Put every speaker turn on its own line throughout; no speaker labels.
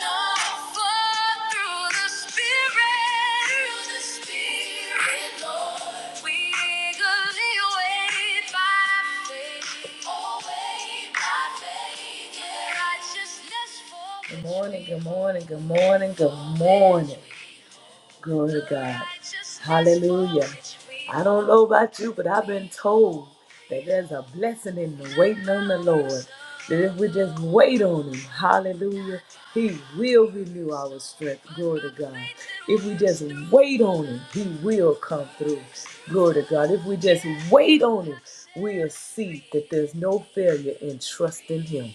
no. Oh, yeah. Good morning, good morning, good morning, good morning. Glory to God. Hallelujah. I don't know about you, but I've been told that there's a blessing in the waiting on the Lord. That if we just wait on Him, hallelujah, He will renew our strength. Glory to God. If we just wait on Him, He will come through. Glory to God. If we just wait on Him, we'll see that there's no failure in trusting Him.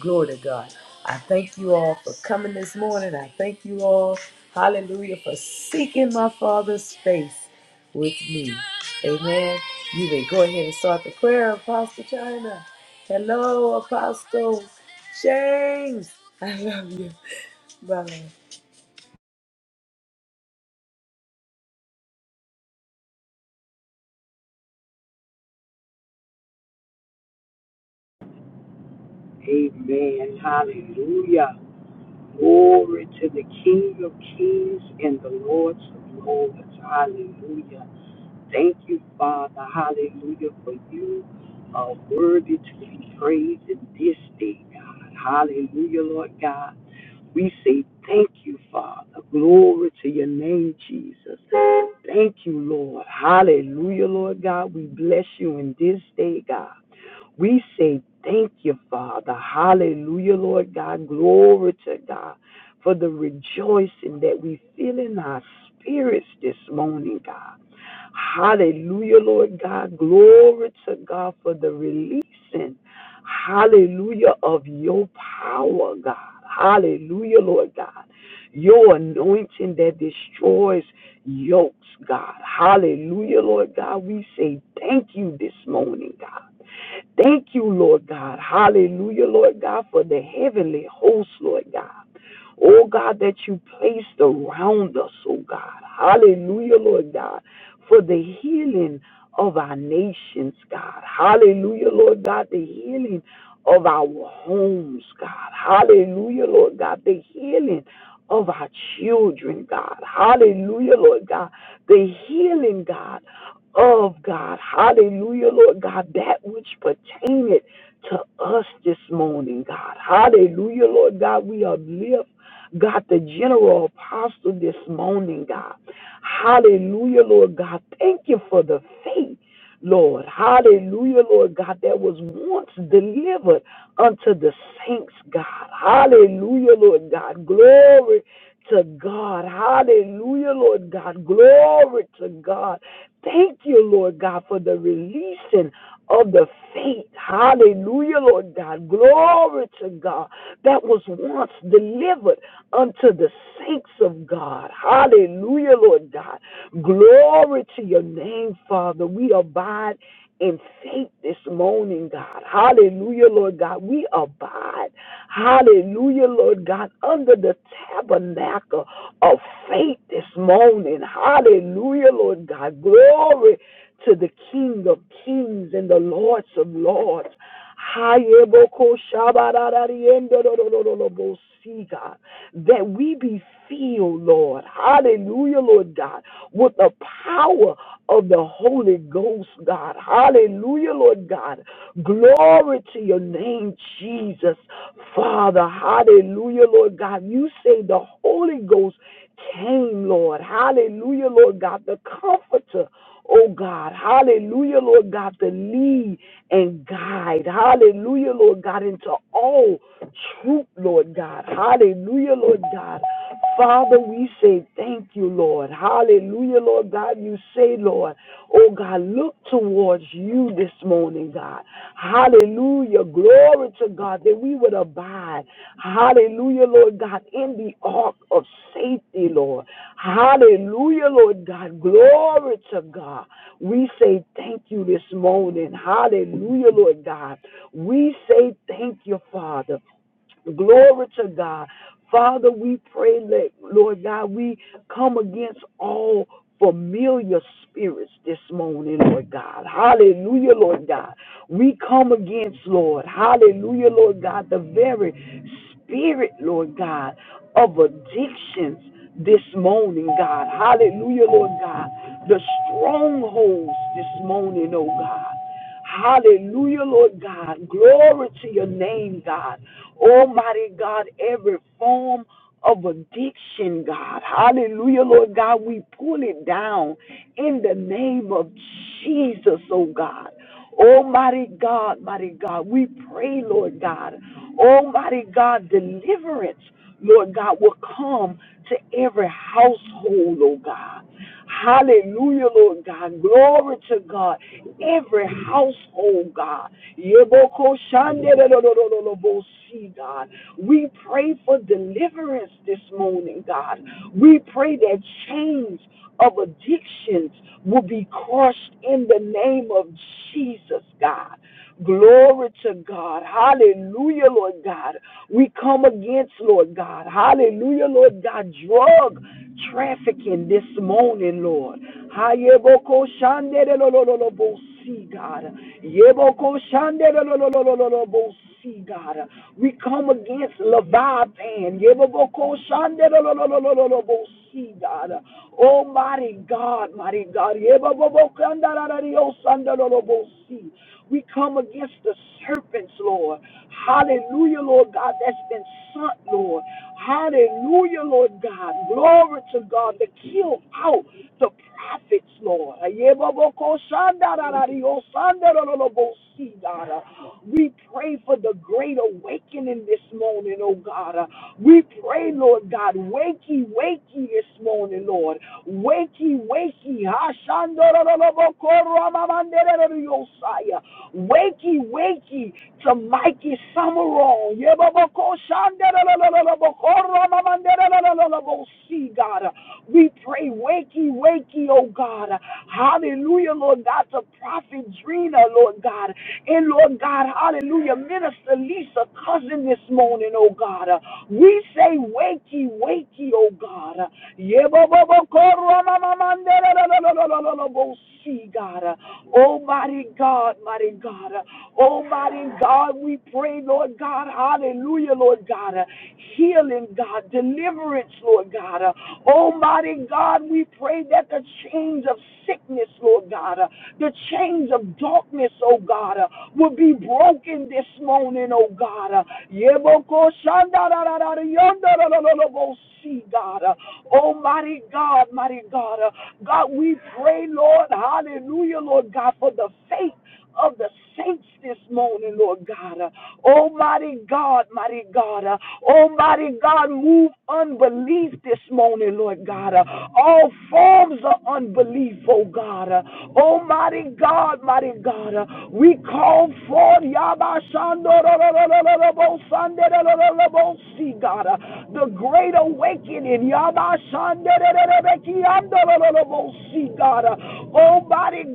Glory to God. I thank you all for coming this morning. I thank you all, hallelujah, for seeking my Father's face with me. Amen. You may go ahead and start the prayer, Apostle China. Hello, Apostle James. I love you, brother.
Amen. Hallelujah. Glory to the King of Kings and the Lord of Lords. Hallelujah. Thank you, Father. Hallelujah. For you are worthy to be praised in this day, God. Hallelujah, Lord God. We say thank you, Father. Glory to your name, Jesus. Thank you, Lord. Hallelujah, Lord God. We bless you in this day, God. We say thank you, Father. Hallelujah, Lord God. Glory to God for the rejoicing that we feel in our spirits this morning, God. Hallelujah, Lord God. Glory to God for the releasing. Hallelujah of your power, God. Hallelujah, Lord God. Your anointing that destroys yokes, God. Hallelujah, Lord God. We say thank you this morning, God. Thank you, Lord God. Hallelujah, Lord God, for the heavenly host, Lord God. Oh God, that you placed around us, oh God. Hallelujah, Lord God, for the healing of our nations, God. Hallelujah, Lord God, the healing of our homes, God. Hallelujah, Lord God, the healing of our children, God. Hallelujah, Lord God, the healing, God, of God. Hallelujah, Lord God, that which pertaineth to us this morning, God. Hallelujah, Lord God, we uplift, God, the general apostle this morning, God. Hallelujah, Lord God, thank you for the faith. Lord, hallelujah, Lord God, that was once delivered unto the saints, God. Hallelujah, Lord God. Glory to God. Hallelujah, Lord God. Glory to God. Thank you, Lord God, for the releasing of the faith. Hallelujah, Lord God. Glory to God that was once delivered unto the saints of God. Hallelujah, Lord God. Glory to your name, Father. We abide in faith this morning, God. Hallelujah, Lord God. We abide. Hallelujah, Lord God, under the tabernacle of faith this morning. Hallelujah, Lord God. Glory to the King of kings and the Lords of lords. Hayeboko shabarariendo do do do do do bo see, God, that we be filled, Lord. Hallelujah, Lord God, with the power of the Holy Ghost, God. Hallelujah, Lord God. Glory to your name, Jesus. Father, hallelujah, Lord God. You say the Holy Ghost came, Lord. Hallelujah, Lord God. The comforter oh God, hallelujah, Lord God, to lead and guide, hallelujah, Lord God, into all truth, Lord God, hallelujah, Lord God. Father, we say thank you, Lord. Hallelujah, Lord God. You say, Lord, oh God, look towards you this morning, God. God. Hallelujah. Glory to God that we would abide. Hallelujah, Lord God, in the ark of safety, Lord. Hallelujah, Lord God. Glory to God. We say thank you this morning. Hallelujah, Lord God. We say thank you, Father. Glory to God. Father, we pray that, Lord God, we come against all familiar spirits this morning, Lord God. Hallelujah, Lord God. We come against, Lord, hallelujah, Lord God, the very spirit, Lord God, of addictions this morning, God. Hallelujah, Lord God. The strongholds this morning, oh God. Hallelujah, Lord God. Glory to your name, God. Almighty God, every form of addiction, God. Hallelujah, Lord God. We pull it down in the name of Jesus, oh God. Almighty God, mighty God, we pray, Lord God. Almighty God, deliverance, Lord God, will come to every household, oh God. Hallelujah, Lord God. Glory to God every household, God. Yeboko shandelelelelelebo si, God. We pray for deliverance this morning, God. We pray that chains of addictions will be crushed in the name of Jesus, God. Glory to God. Hallelujah, Lord God. We come against, Lord God. Hallelujah, Lord God. Drug trafficking this morning, Lord. God. God. We come against Leviathan. God. Almighty God, mighty God. We come against the serpents, Lord. Hallelujah, Lord God, that's been sent, Lord. Hallelujah, Lord God. Glory to God to kill out the prophets, Lord. We pray for the great awakening this morning, oh God. We pray, Lord God, wakey, wakey this morning, Lord. Wakey, wakey. Messiah. Wakey, wakey to Mikey Summerall. Yebaboko shandeleleleleboko ramamandelelelelebo. See, God, we pray, wakey, wakey, oh God. Hallelujah, Lord God, to Prophet Drina, Lord God. And Lord God, hallelujah, Minister Lisa, cousin this morning, oh God. We say, wakey, wakey, oh God. Yebaboko ramamamandele- see God mighty God, mighty God. Oh, mighty God, we pray, Lord God. Hallelujah, Lord God. Healing, God. Deliverance, Lord God. Oh, mighty God, we pray that the chains of sickness, Lord God, the chains of darkness, oh God, will be broken this morning, oh God. Yeboko shandararara yondarararabo see, God. oh mighty God, mighty God. God, we pray, Lord, hallelujah, Lord God, for the faith of the saints this morning, Lord God. Uh, Almighty God, mighty God. Uh, Almighty God, move unbelief this morning, Lord God. Uh, All forms of unbelief, oh God. Uh, Almighty God, mighty God. Uh, We call forth Yabashandorororororobosandororororobosi, God. Uh, The great awakening. Yabashandororororobeki, andororororobosi, God. Uh, Almighty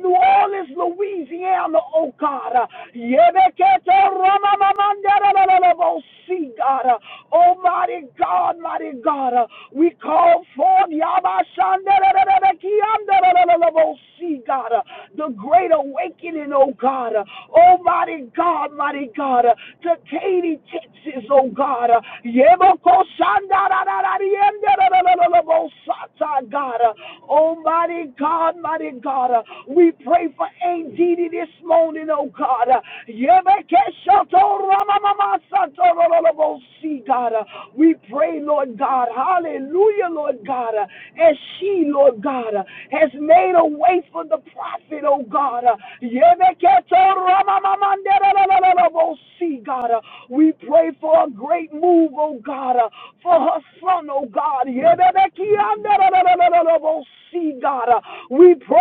New Orleans, Louisiana, oh God. Uh, Yebekete ramamamanderelelelebo, See, God. Uh, Almighty God, mighty God. Uh, We call forth Yabashanderelelebekianderelelelebo, See, God. Uh, The great awakening, oh God. Oh mighty God, mighty God. Uh, To Katy, Texas, oh God. Uh, Yebokoshandararararienderelelelebo, Sata, God. Oh mighty God, mighty God. Uh, We pray for ADD this morning, oh God. Uh, Yebekeshotoramamamasatololobosi, God. Uh, We pray, Lord God. Hallelujah, Lord God. Uh, As she, Lord God, uh, has made a way for the prophet, oh God. Uh, Yebeketoramamamanderololobosi, God. Uh, We pray for a great move, oh God, uh, for her son, oh God. Yebebekianderololobosi, God. Uh, We pray.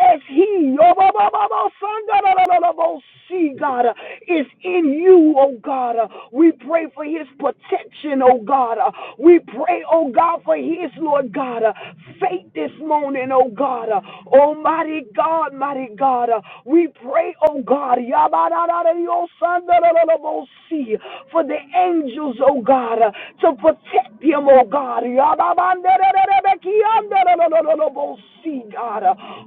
As He, yobobobobosandarararabosi, God, uh, is in you, oh God. uh, We pray for His protection, oh God. uh, We pray, oh God, for His, Lord God, uh, faith this morning, oh God. uh, Almighty God, mighty God. uh, We pray, oh God, yabarararariosandarararabosi, for the angels, oh God, uh, to protect Him, oh God. See, God.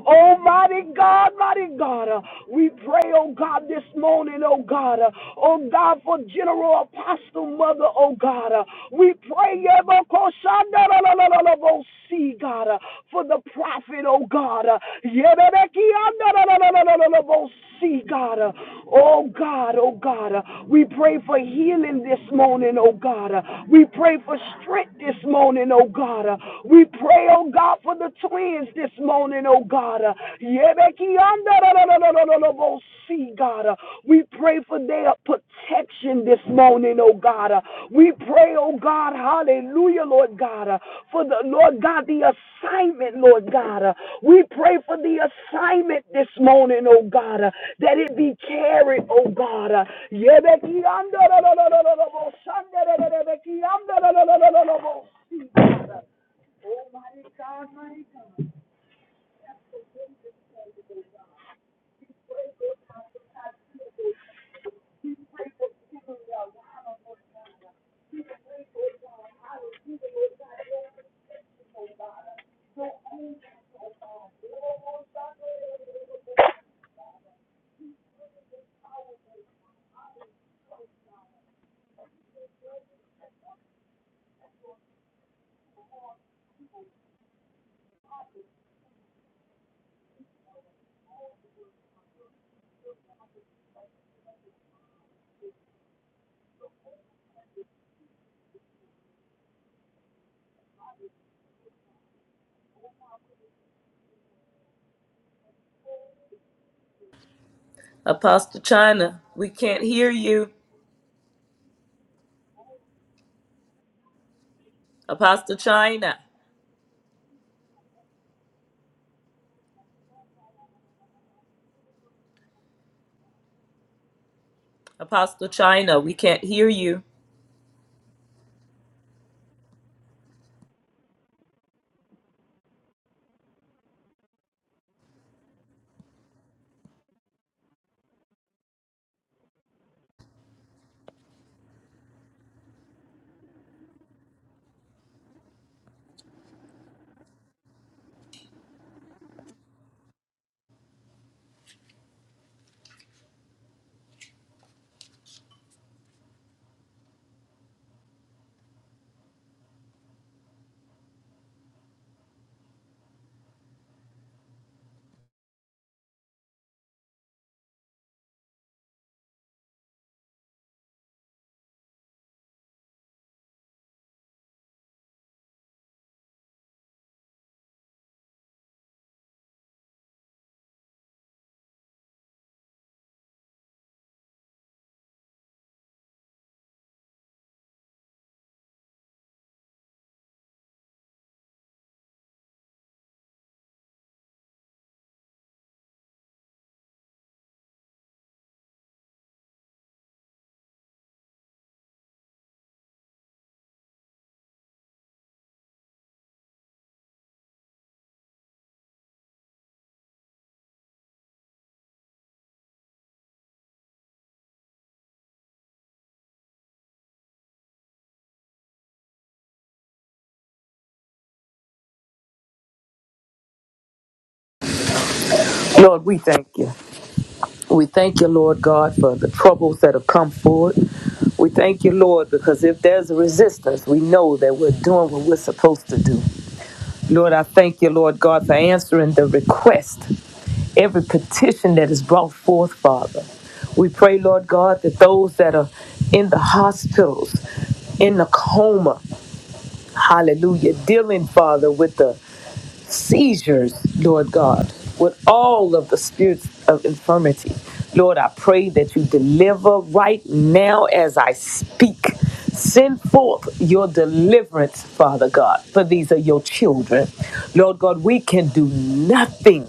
Oh, mighty God, mighty God. We pray, oh God, this morning, oh God. Oh God, for General Apostle Mother, oh God. We pray, see, God, for the prophet, oh God. See, God. Oh God, oh God. We pray for healing this morning, oh God. We pray for strength this morning, oh God. Uh, We pray, oh God, for the twins this morning, oh God. Uh, Yebekiandadadadadadadabosi, God. Uh, We pray for their protection this morning, oh God. Uh, We pray, oh God, hallelujah, Lord God, uh, for the Lord God, the assignment, Lord God. Uh, We pray for the assignment this morning, oh God, uh, that it be carried, oh God. Uh, Yebekiandadadadadadadabosandadadadadabeki-
Apostle China, we can't hear you. Apostle China, Apostle China, we can't hear you. Lord, we thank you. We thank you, Lord God, for the troubles that have come forward. We thank you, Lord, because if there's a resistance, we know that we're doing what we're supposed to do. Lord, I thank you, Lord God, for answering the request, every petition that is brought forth, Father. We pray, Lord God, that those that are in the hospitals, in the coma, hallelujah, dealing, Father, with the seizures, Lord God, with all of the spirits of infirmity. Lord, I pray that you deliver right now as I speak. Send forth your deliverance, Father God, for these are your children. Lord God, we can do nothing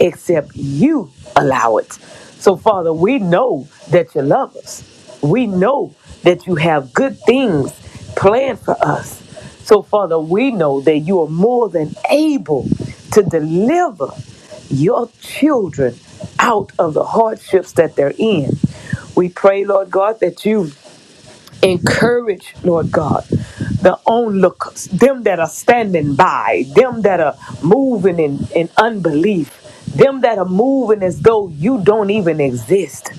except you allow it. So, Father, we know that you love us. We know that you have good things planned for us. So, Father, we know that you are more than able to deliver your children out of the hardships that they're in. We pray, Lord God, that you encourage, Lord God, the onlookers, them that are standing by, them that are moving in, in unbelief, them that are moving as though you don't even exist.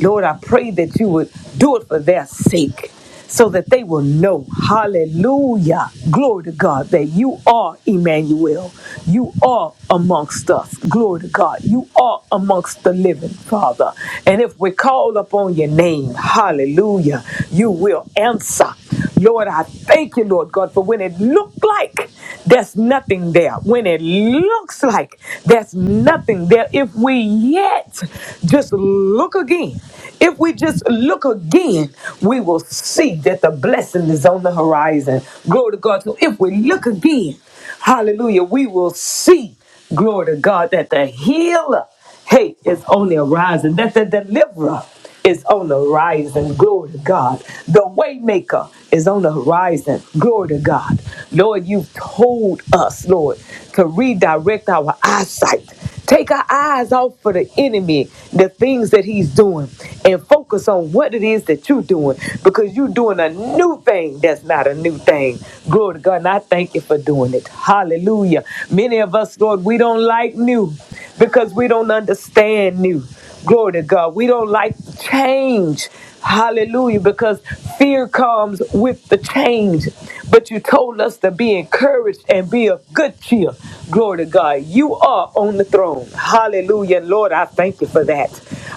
Lord, I pray that you would do it for their sake so that they will know, hallelujah, glory to God, that you are Emmanuel. You are amongst us, glory to God. You are amongst the living, Father. And if we call upon your name, hallelujah, you will answer. Lord, I thank you, Lord God, for when it looked like there's nothing there, when it looks like there's that's nothing there. If we yet just look again, if we just look again, we will see that the blessing is on the horizon. Glory to God. So if we look again, hallelujah, we will see, glory to God, that the healer. Hate is on the horizon. That the deliverer is on the horizon. Glory to God. The waymaker is on the horizon. Glory to God. Lord, you've told us, Lord, to redirect our eyesight. Take our eyes off for the enemy, the things that he's doing, and focus on what it is that you're doing because you're doing a new thing that's not a new thing. Glory to God. And I thank you for doing it. Hallelujah. Many of us, Lord, we don't like new because we don't understand new. Glory to God. We don't like change. Hallelujah. Because fear comes with the change. But you told us to be encouraged and be of good cheer. Glory to God. You are on the throne. Hallelujah. And Lord, I thank you for that.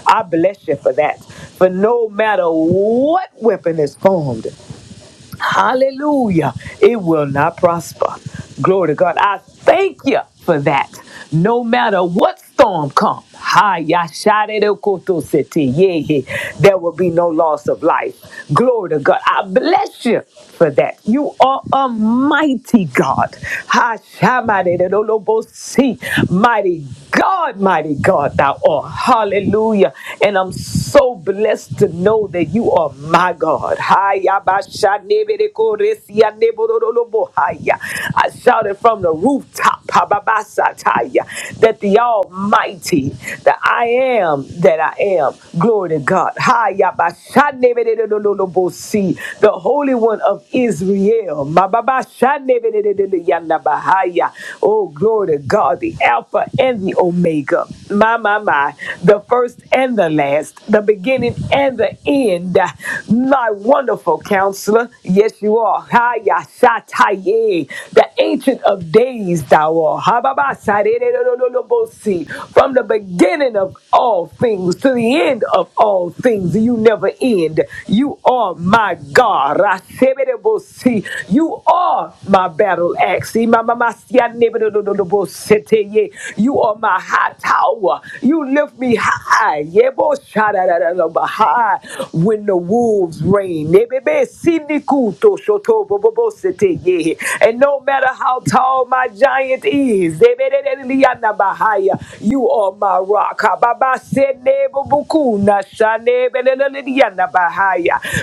I bless you for that. For no matter what weapon is formed, Hallelujah. It will not prosper. Glory to God. I thank you for that. No matter what storm comes, there will be no loss of life. Glory to God. I bless you for that. You are a mighty God. Ha, shamade de do lo bo si. Mighty God, mighty God, thou art. Hallelujah. And I'm so blessed to know that you are my God. Haya si I shouted from the rooftop ha that the Almighty, that I am that I am. Glory to God. Haya si. The Holy One of Israel. Ma Oh, glory to God are the Alpha and the Omega. My, my, my. The first and the last, the beginning and the end. My wonderful counselor. Yes, you are. Haya Sataye. The ancient of days, thou art. Hababa Sarerererererebosi. From the beginning of all things to the end of all things, you never end. You are my God. Raseberebosi. See, you are my battle axe. See, my- my- my- see, I never do- do- do- do- bo- sit here, yeah. You are my high tower. You lift me high. Yeah, bo- sha- da- da- da- da- ba- high when the wolves reign. Yeah, baby, see, ni- to- sho- to- bo- bo- bo- sit here, yeah. And no matter how tall my giant is, yeah, baby, da- da- da- da- da- ba- high, you are my rock. Ha- ba- ba- se- ne- bo- bo- ku- na- sha-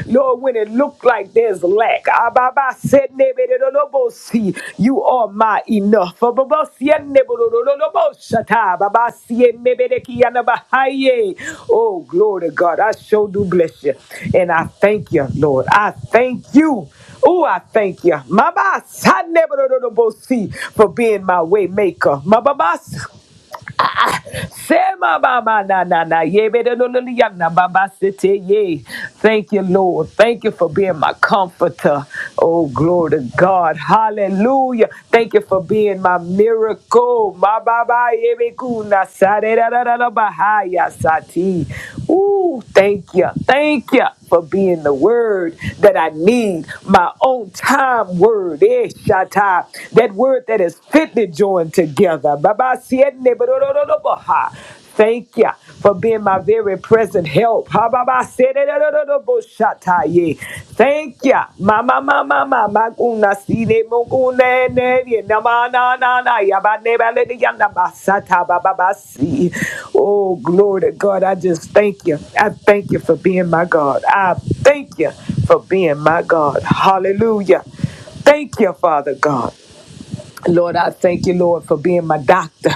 Lord, when it looked like there's lack, Ababa said, "Nebelelelebosi," you are my enough. Ababosienebolololoboshata, Babasienebelekianabahaye. Oh, glory to God. I sure do bless you. And I thank you, Lord. I thank you. Oh, I thank you. Mabas. I never know the see for being my way maker. Sema baba na na na ye be de lo lo li ya na baba sete ye. Thank you, Lord. Thank you for being my comforter. Oh, glory to God. Hallelujah. Thank you for being my miracle. Ma baba ye be ku na sa de da da da da ba ha ya sa ti. Ooh, thank you. Thank you for being the word that I need. My own time word. Eh, Shatta That word that is fitly joined together together. Baba sienne borororoboha. Thank you for being my very present help. Ha, baba, sienne ye. Thank you. Mama, mama, mama, kuna sine mokune ne ye na ma na na na ya ba ne ba le de ya na ba sa ba ba ba si. Oh, glory to God. I just thank you. I thank you for being my God. I thank you for being my God. Hallelujah. Thank you, Father God. Lord, I thank you, Lord, for being my doctor.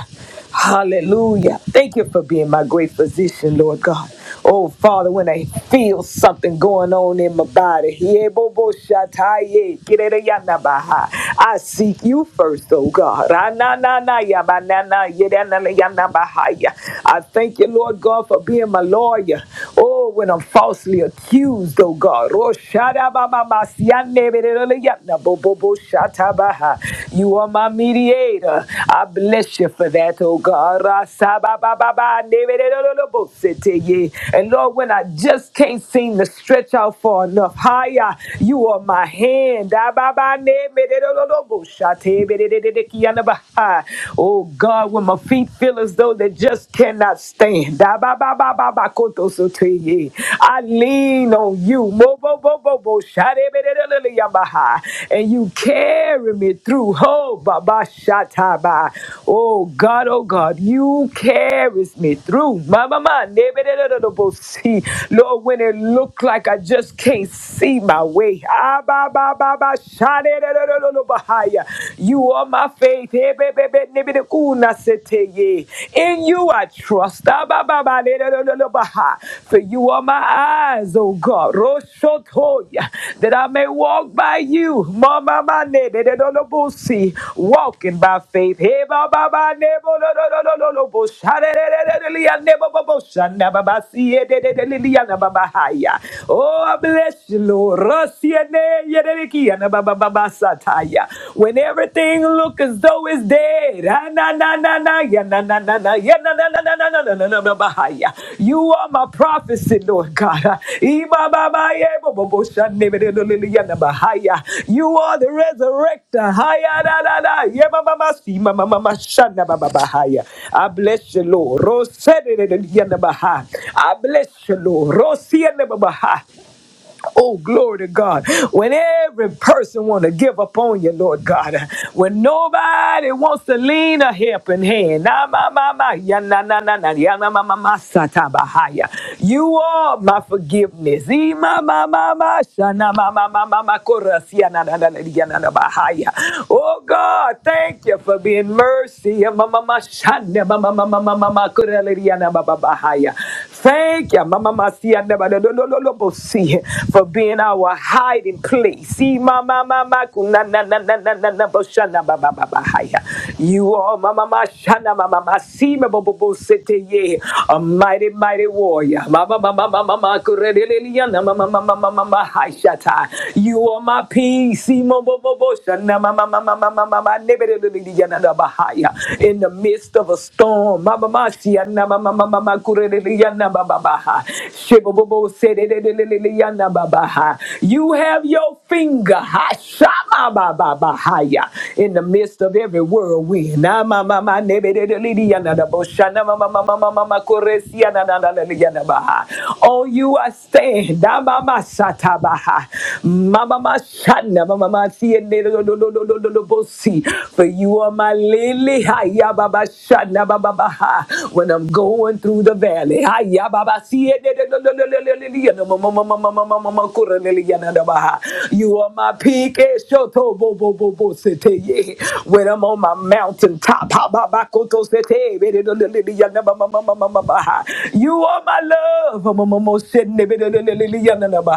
Hallelujah. Thank you for being my great physician, Lord God. Oh, Father, when I feel something going on in my body, yeah, bo- I seek you first, oh God. Ah, na- na- I thank you, Lord God, for being my lawyer. Oh, when I'm falsely accused, oh God. Roshadababa, mama sianebereyana You are my mediator. I bless you for that, oh God. And Lord, when I just can't seem to stretch out far enough higher, you are my hand. Oh God, when my feet feel as though they just cannot stand. Kotosotoye. I lean on you. Mo bo bo bo bo sharebelelele yamaha. And you carry me through. Ho baba shataba. Oh God, oh God, you carries me through. Mama ma see. Lord, when it look like I just can't see my way. Ah ba ba ba ba sharebelelele bahaya. You are my faith. Hey, Sheteye. In you I trust. Ah, For you are my eyes, oh God. Roshotoya. That I may walk by you. Mama, ma, ne, si. Walking by faith. Hey, ba, ba, ba, si, eh, Oh, I bless you, Lord. Rasi, eh, ne, ye, when everything look as though it's dead. ah, na, na, na, na, ya, na, na, na, na, ya, na, na, na, na, na, na, na, na, na, na, bahaya. You are my prophecy, Lord God. ah. Iba, ba, ba, ye, bo, bo, bo, sha, ne, be, de, lo, lo, lo, ya, na, bahaya. You are the resurrector. Haya, da, da, da, ye, ma, ma, ma, si, ma, ma, ma, ma, sha, na, ba, ba, bahaya. I bless you, Lord. Rose, de, de, de, ya, na, bahaya. I bless you, Lord. Rose, ya, na, ba, bahaya. Oh, glory to God. When every person want to give up on you, Lord God. When nobody wants to lean a helping hand. Na ma ma ma ya na na na na ya na ma ma ma sa ta ba ha ya. You are my forgiveness. E ma ma ma ma sha na ma ma ma ma ma ko ra si ya na na na na ya na na ba ha ya. Oh God, thank you for being mercy. Ya ma ma ma sha na ma ma ma ma ma ma ma ko ra le ri ya na ba ba ba ha ya. Thank you, Mama Masia, never no, no, no, no, see for being our hiding place. See, Mama, Mama, kuna na na na na na na boshana, ba ba ba ba haya. You are Mama Mashana, Mama Masima, Bobo Bo City, ye, a mighty, mighty warrior. Mama, Mama, Mama, Mama, Kureliliana, Mama, Mama, Mama, Mama, Haishata. You are my peace, see, Bobo Bobo Shana, Mama, Mama, Mama, Mama, Nebeliliana, Bahaya. In the midst of a storm, Mama Masia, Mama, Mama, Mama, Kureliana yanda babaha. You have your finger ha, in the midst of every whirlwind. Na ma Oh, you are stand. Da si si. For you are my lily. Hi When I'm going through the valley ya baba si e de de de de de de de de ya na ma ma ma ma ma ma ma ma ma le le ya na da ba You are my peak, eh, shoto bo bo bo bo sete. ye. When I'm on my mountain top, ha ba ba ko to be de de de de de ya na ba ma ma ma ma ba ha. You are my love, ma ma ma ma se ne be de de de de de ya na na ba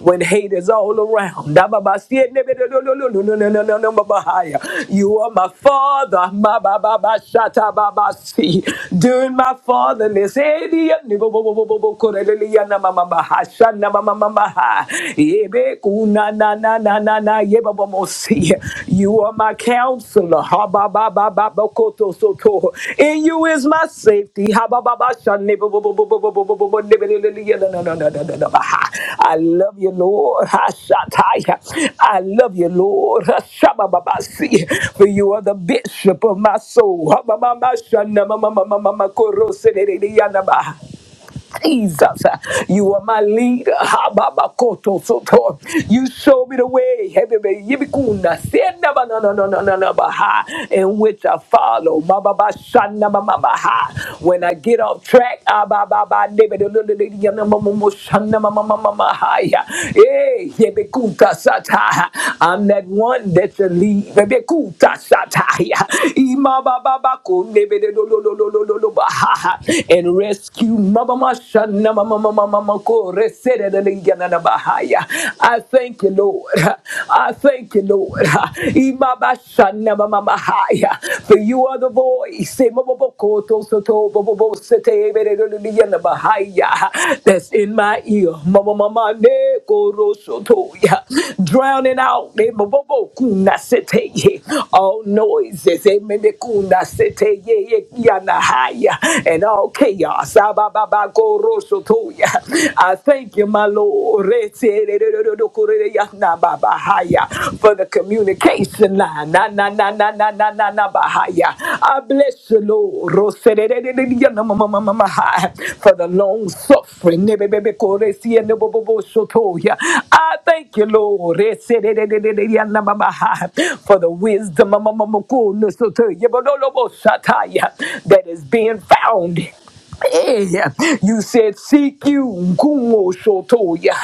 When hate is all around, da ba ba si e be de de de de de de de de de ba ba ya. You are my father, ma ba ba ba sha ba ba si. During my fatherless, Hallelujah. You are my counselor. In you is my safety. I love you, Lord Hashanah. I love you, Lord Hashemababasi. For you are the bishop of my soul. Jesus, you are my leader. Hababakoto soto. You show me the way. Hebebe yibikuna. Senda ba na na na na na na ba ha. In which I follow. Ma ba ba shana ma ma ba ha. When I get off track, ah, ba ba ba debe de lo lo lo ya na ma ma mo shana ma ma ma ma ma ha ya. Eh, yebikuta sata. I'm that one that you lead. Yebikuta sata ya. Ima ba ba ba ko debe de lo lo lo lo lo lo ba ha ha. And rescue me I thank you, Lord. I thank you, Lord. For you are the voice that's in my ear. Drowning out all noises and all chaos I thank you, my Lord, for the communication line. Na, na, na, na, na, na, na, na, bahaya. I bless you, Lord, for the long suffering. I thank you, Lord, for the wisdom amamamakonosotoya, Yebodolobosataya, that is being found. Hey, you said, Seek you, Gumo Shotoya,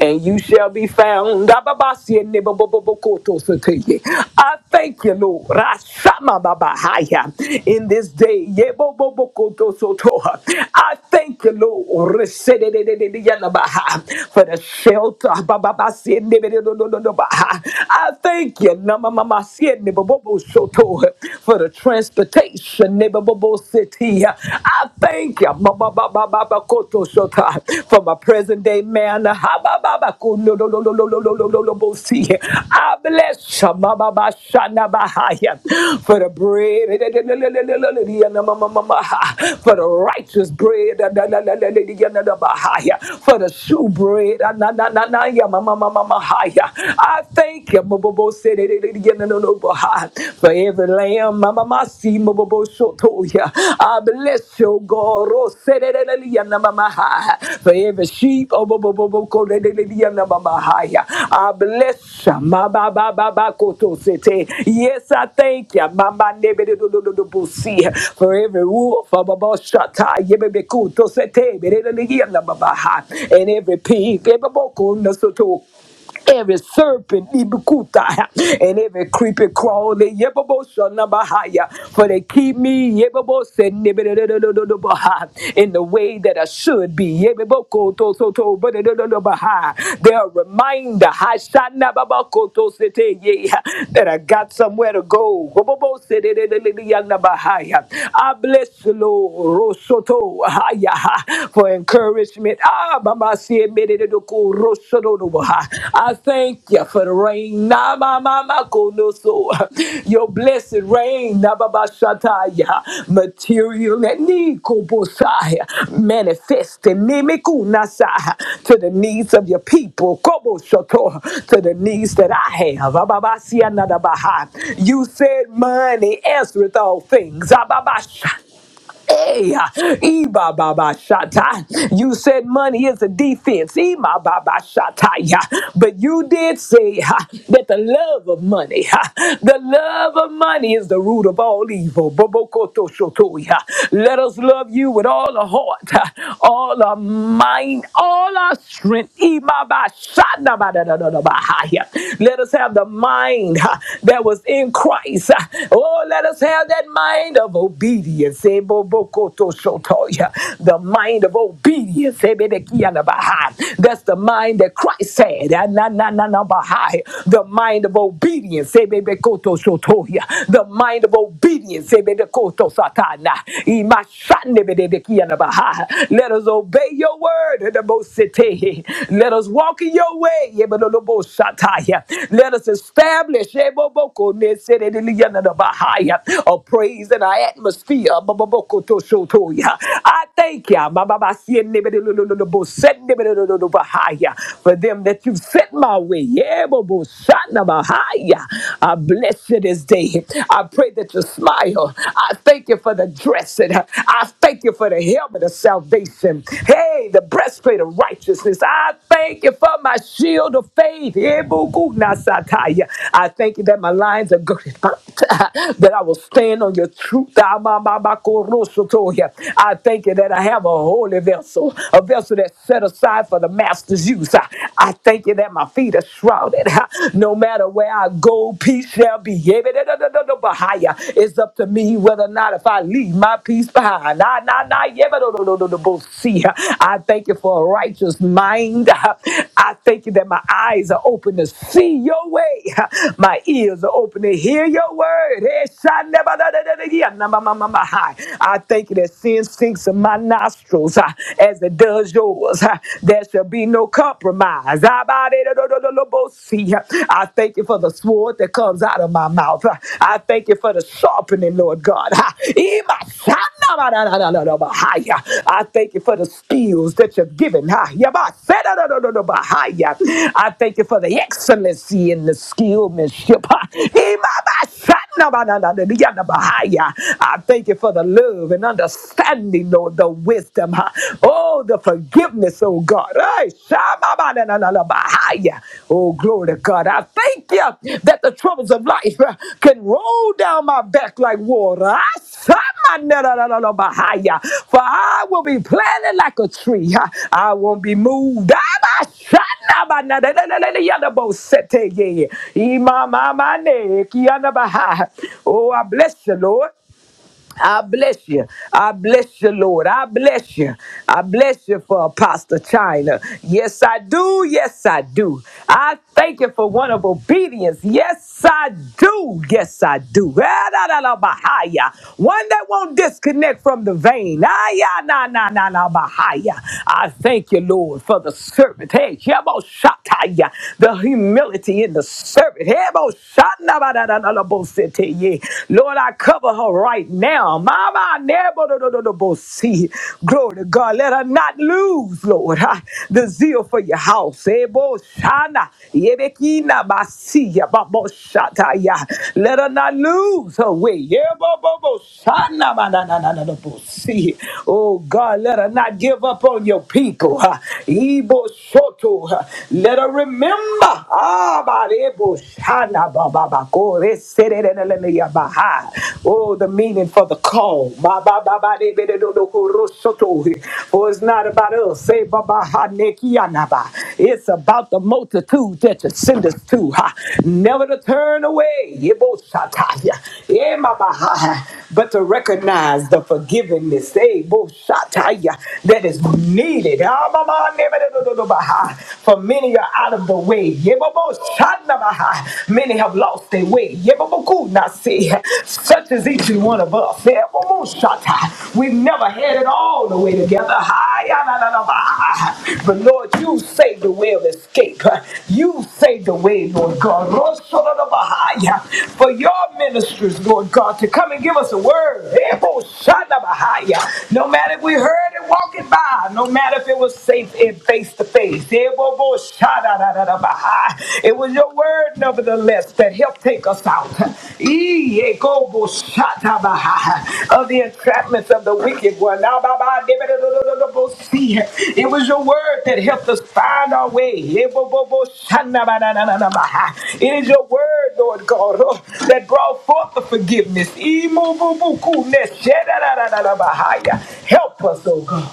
and you shall be found. Ababasi neba bo- bo- I thank you, Lord. Rashama babahaya. In this day, yebo bo- I thank you, Lord, Resedededede for the shelter. Bababasi nebe do- I thank you, Namamamasi neba bo- bo- for the transportation transportation. Neighborable city. yeah. I thank you ba- ba- ba- ba- ba- ba- koto shota, for my present day man. Ha- ba- ba- ba- ko- no- no- no- no- no- no- no- no- no- no- bo- see. I bless you ba- ba- ba- shana- ba- ha- ya, for the bread for the righteous bread for the shoe bread. I thank you. For every lamb, Mama Masi, Mama Boshotoya. I bless your God. Oh, Nama Mahaya. For every sheep, oh, bo- bo- bo- bo- ko- de- de- de- de- Nama Mahaya. I bless ya, Ma ba ba ba ba koto sete. Yes, I thank you. Mama nebe de- de- de- de- de- busi. For every wolf, oh, bo- bo- shata, yebe be kuto sete, be- de- de- de- de- Nama Mahaya. and every pig, every boko, nasoto. Every serpent ibukuta and every creepy crawly yebobo shunabahya for they keep me yebobo sendibibibibibibibah in the way that I should be yebiboko tosoto badebadebadebah they're a reminder ha shunababoko tosetege that I got somewhere to go yebobo sendibibibibibibah I bless the Lord tosoto bahya for encourage nourishment. Ah, Baba see it, made it to cool, ah. I thank you for the rain. Na, ma, ma, ma, ko, no, so. Your blessed rain. Na, Baba Shataya. Material that need ko, bo, sai. manifest in me, me, ku, na, to the needs of your people. Ko, bo, shoto. To the needs that I have. Ah, Baba see another baha. You said money answereth all things. Ah, Baba, sha. Hey, Eba Baba Shata. You said money is a defense. Ema Baba Shata. yeah. But you did say ha, that the love of money, ha, the love of money is the root of all evil. Bobokoto shoto, yeah. Let us love you with all our heart, ha, all our mind, all our strength. Ema Ba Shana Ba Da Da Da Da Ba, ha, yeah. Let us have the mind ha, that was in Christ. ha. Oh, let us have that mind of obedience. The mind of obedience. That's the mind that Christ had. The mind of obedience. The mind of obedience. Let us obey your word. Let us walk in your way. Let us establish a praise in our atmosphere. Mamaboko to Shotoya. I thank you, Mamabasienebelelelelebo, Setnebelelelelebahaya, for them that you've sent my way. Yeah, Yebobo, Shanabahaya. I bless you this day. I pray that you smile. I thank you for the dressing. I thank you for the helmet of salvation. Hey, the breastplate of righteousness. I thank you for my shield of faith. Yebogunasataya. I thank you that my lines are girded up, that I will stand on your truth. I thank you that I have a holy vessel, a vessel that's set aside for the master's use. I I thank you that my feet are shrouded. Ha, No matter where I go, peace shall be. It's up to me whether or not if I leave my peace behind. Nah, nah, nah, yeah, but no, no, no, no, no, see. I thank you for a righteous mind. I thank you that my eyes are open to see your way. My ears are open to hear your word my, my, my, hi. I thank you that sin sinks in my nostrils uh, as it does yours. uh, There shall be no compromise. I thank you for the sword that comes out of my mouth. uh, I thank you for the sharpening, Lord God. Uh, I thank you for the skills that you're giving. Uh, I thank you for the excellency and the skillmanship. Uh, I thank you for the love and understanding, Lord, the wisdom, huh? oh, the forgiveness, oh God. Ay, shababadananabahaya. Oh, glory to God. I thank you that the troubles of life uh, can roll down my are back like water. I saw my na- na- na- na- na- behind ya. For I will be planted like a tree. I won't be moved. I'm a shot. Oh, I bless you, Lord. I bless you. I bless you, Lord. I bless you. I bless you for Apostle China. Yes, I do. Yes, I do. I thank you for one of obedience. Yes, I do. Yes, I do. Ah, da, da, da, bahaya. One that won't disconnect from the vein. Ah, yeah, na na na na bahaya. I thank you, Lord, for the servant. Hey, Jebo Shataya. The humility in the servant. Hey, Bo Shatna, ba, da, da, da, da, bo, sit, yeah. Lord, I cover her right now. Mama, never do- do- do- do- bo- see. Glory to God. Let her not lose, Lord, huh, the zeal for your house. Eh, bo- shana, yebekina, basia, ba- shata, ya. Let her not lose her way. Yeah, bo- bo- bo- shana, ba- na- na- na- na- na- bo- see. Oh, God, let her not give up on your people. huh. Ibo- shoto, huh. Let her remember. Ah, Hana ba ba ba ko re se re re re le le ya ba ha. Oh, the meaning for the call. Ba ba ba ba de be de do do ko ro so to he. For it's not about us. Say ba ba ha ne ki ya na ba. It's about the multitude that you send us to. Ha. Never to turn away. Ye bo sha ta ya. Eh, ma ba ha ha. But to recognize the forgiveness eh, bo sha ta ya, that is needed. Ah, ba ba ne be de do do do ba ha. For many are out of the way. Yebobo shandabaha. Many have lost their way. Yeboboku nasi. Such as each and one of us. Yebobo shata. We've never had it all the way together. Hi, ya, la, la, la, But Lord, you saved the way of escape. You saved the way, Lord God. Rosso, la, For your ministers, Lord God, to come and give us a word. Yebobo shandabaha, ya. No matter if we heard it walking by, no matter if it was safe face to face. It was your word, nevertheless, that helped take us out of the entrapments of the wicked one. It was your word that helped us find our way. It is your word, Lord God, oh, that brought forth the forgiveness. Help us, oh God.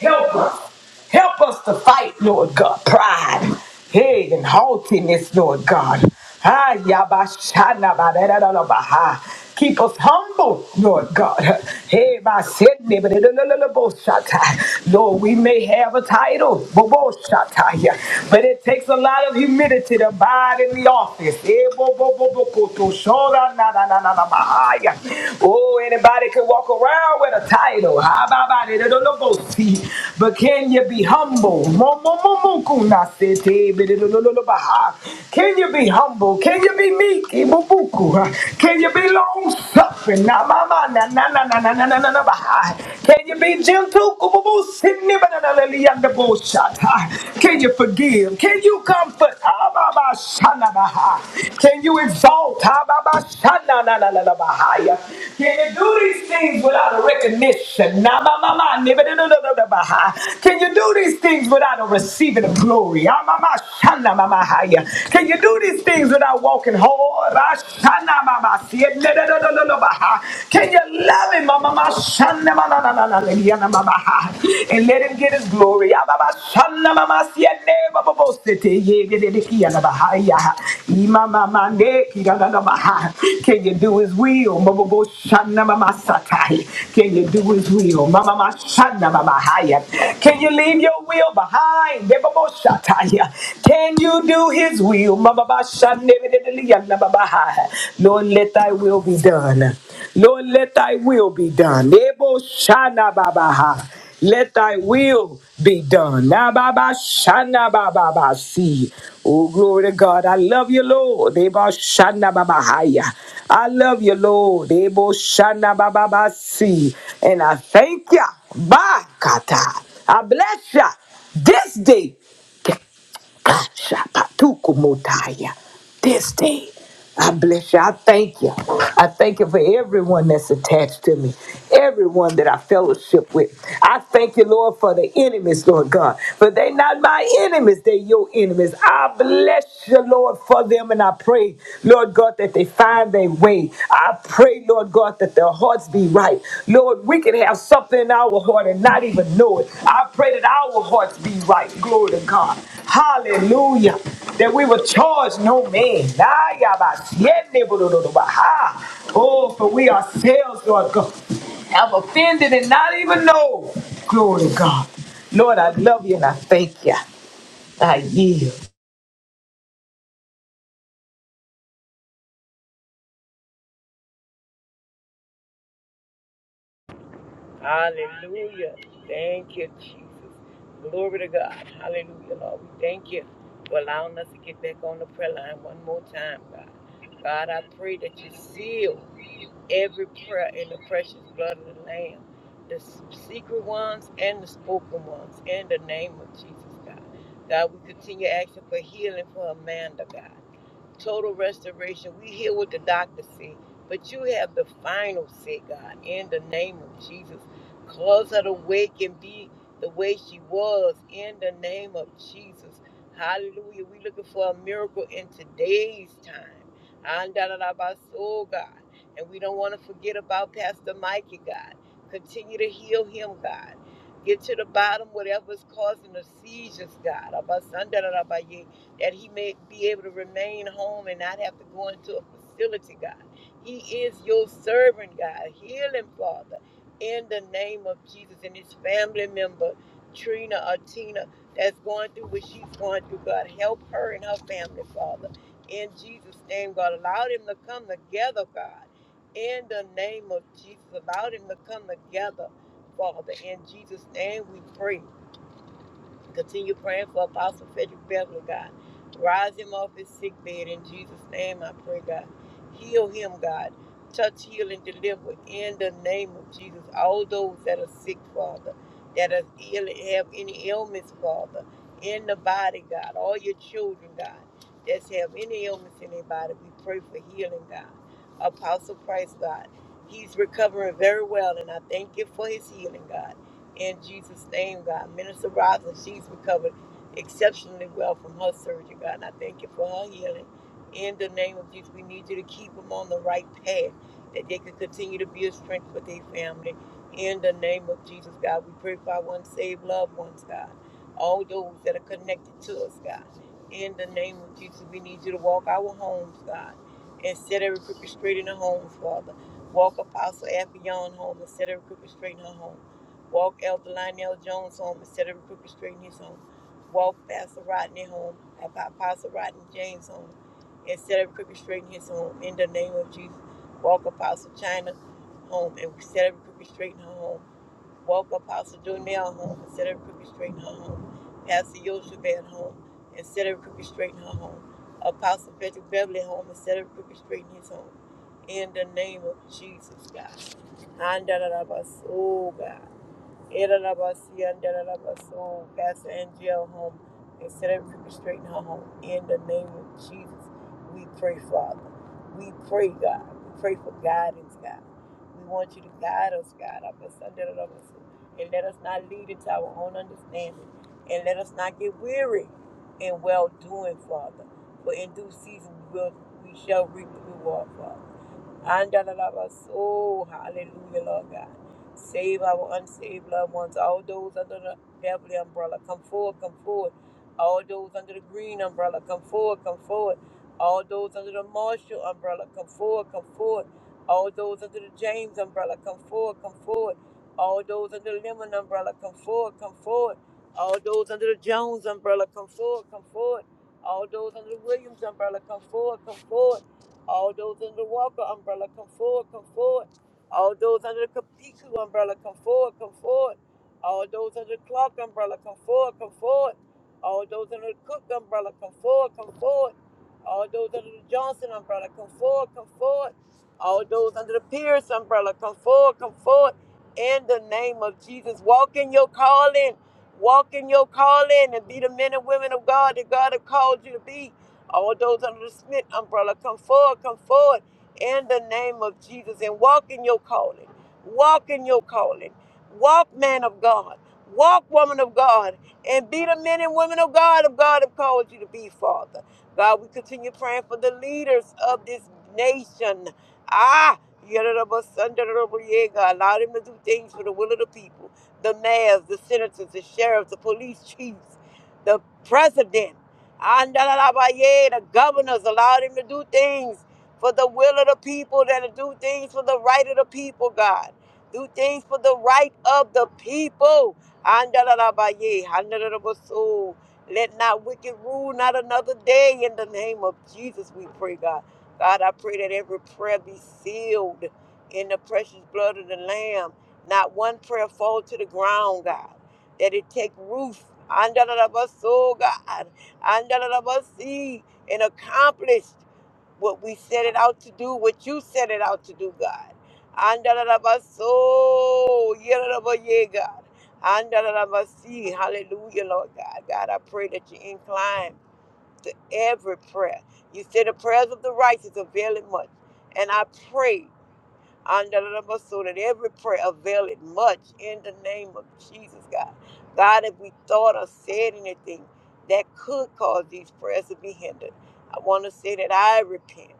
Help us. Help us to fight, Lord God, pride, hey, and haughtiness, Lord God. Ah, yabashana ba-da-da-da-da-ba-ha. Keep us humble, Lord God. Hey, by sin, ba-da-da-da-da-bo-shata. Lord, we may have a title, bo-bo-shata, yeah, but it takes a lot of humility to abide in the office. Eh, bo-bo-bo-bo-ko-to-shora, na na na na na ma Oh, anybody can walk around with a title. How about it? But can you be humble? Can you be humble? Can you be meek? E- Can you be long suffering? Can you be gentle? si- Can you forgive? Can you comfort? Can you exalt? Can you do these things without a recognition? Can you do these things without a receiving of glory? Can you do these things without walking hard? Can you love him? and let him get his glory. Can you do his will? Can you do his will? Can you leave your will behind? Can you do his will? Lord, Lord, let thy will be done. Lord, let thy will be done. Ebo shana babaha. Let thy will be done. Na baba shana baba ba see. Oh, glory to God. I love you, Lord. Ebo shana baba haya. I love you, Lord. Ebo shana baba ba see. And I thank you. Ba kata. I bless you this day. Shapatukumotaya. This day, I bless you. I thank you. I thank you for everyone that's attached to me, everyone that I fellowship with. I thank you, Lord, for the enemies, Lord God. For they not my enemies, they your enemies. I bless you, Lord, for them, and I pray, Lord God, that they find their way. I pray, Lord God, that their hearts be right. Lord, we can have something in our heart and not even know it. I pray that our hearts be right. Glory to God. Hallelujah. That we will charge no man. Nah, yabba, siete, budududuba, ha. Oh, for we ourselves, Lord God, have offended and not even know. Glory to God. Lord, I love you and I thank you. I yield.
Hallelujah. Thank you, Jesus. Glory to God. Hallelujah, Lord. We thank you for allowing us to get back on the prayer line one more time, God. God, I pray that you seal every prayer in the precious blood of the Lamb, the s- secret ones and the spoken ones, in the name of Jesus, God. God, we continue asking for healing for Amanda, God total restoration. We hear what the doctor said, but you have the final say, God, in the name of Jesus. Cause her to wake and be the way she was in the name of Jesus. Hallelujah. We're looking for a miracle in today's time. Andalabaso, God. And we don't want to forget about Pastor Mikey, God. Continue to heal him, God. Get to the bottom, whatever's causing the seizures, God. Abasandarabaye that he may be able to remain home and not have to go into a facility, God. He is your servant, God. Heal him, Father, in the name of Jesus and his family member, Trina or Tina, that's going through what she's going through, God. Help her and her family, Father. In Jesus' name, God. Allow them to come together, God. In the name of Jesus, allow them to come together, Father. In Jesus' name, we pray. Continue praying for Apostle Frederick Beverly, God. Rise him off his sick bed in Jesus' name, I pray, God. Heal him, God. Touch, heal, and deliver in the name of Jesus. All those that are sick, Father, that are ill and have any ailments, Father, in the body, God. All your children, God, that have any ailments in their body, we pray for healing, God. Apostle Christ, God. He's recovering very well, and I thank you for his healing, God. In Jesus' name, God. Minister Roslyn, she's recovered exceptionally well from her surgery, God. And I thank you for her healing. In the name of Jesus, we need you to keep them on the right path, that they can continue to be a strength for their family. In the name of Jesus, God, we pray for our unsaved loved ones, God. All those that are connected to us, God. In the name of Jesus, we need you to walk our homes, God, and set every crooked straight in the homes, Father. Walk Apostle Affion home and set every crooked straight in her home. Walk Elder Lionel Jones home instead of Booker Street in his home. Walk Pastor Rodney home, Apostle Rodney James home instead of Crooked Street in his home. In the name of Jesus, walk Apostle China home and instead of Crooked Street in her home. Walk Apostle Jonell home instead of Crooked Street in her home. Pastor Yoshua home instead of Crooked Street in her home. Apostle Patrick Beverly home instead of Crooked Street in his home. In the name of Jesus, God. And da da da, Oh, God. Irarabasi and Irarabaso, Pastor Angel home, and set every crooked straight in her home. In the name of Jesus, we pray, Father. We pray, God. We pray for guidance, God. We want you to guide us, God. Abasa, Irarabaso. And let us not lead into our own understanding. And let us not get weary in well doing, Father. For in due season we will we shall reap the reward, Father. Andalabas. Oh, hallelujah, Lord God. Save our unsaved loved ones, all those under the family umbrella. Come forward, come forward. All those under the green umbrella, come forward, come forward. All those under the Marshall umbrella, come forward, come forward. All those under the James umbrella, come forward, come forward. All those under the Lemon umbrella, come forward, come forward. All those under the Jones umbrella, come forward, come forward. All those under the Williams umbrella, come forward, come forward. All those under the Walker umbrella, come forward, come forward. All those under the Kapiku umbrella, come forward, come forward. All those under the clock umbrella, come forward, come forward. All those under the Cook umbrella, come forward, come forward. All those under the Johnson umbrella, come forward, come forward. All those under the Pierce umbrella, come forward, come forward. In the name of Jesus, walk in your calling. Walk in your calling and be the men and women of God that God has called you to be. All those under the Smith umbrella, come forward, come forward. In the name of Jesus, and walk in your calling. Walk in your calling. Walk, man of God. Walk, woman of God. And be the men and women of God of God have called you to be, Father. God, we continue praying for the leaders of this nation. Ah, Yoruba, Sunday, Yoruba, yeah, God, allow them to do things for the will of the people. The mayors, the senators, the sheriffs, the police chiefs, the president, Andalaba, yeah, the governors, allow them to do things for the will of the people, that do things for the right of the people, God. Do things for the right of the people. Andalabaye, andalabaso. Let not wicked rule not another day in the name of Jesus, we pray, God. God, I pray that every prayer be sealed in the precious blood of the Lamb. Not one prayer fall to the ground, God. That it take root. Andalabaso, God. Andalabasi, And accomplish what we set it out to do, what you set it out to do, God. Andalabaso, yelalabaye, God. Andalalabasi, Hallelujah, Lord God. God, I pray that you incline to every prayer. You said the prayers of the righteous avail it much. And I pray. Andalaba, so that every prayer availeth much in the name of Jesus, God. God, if we thought or said anything that could cause these prayers to be hindered, I want to say that I repent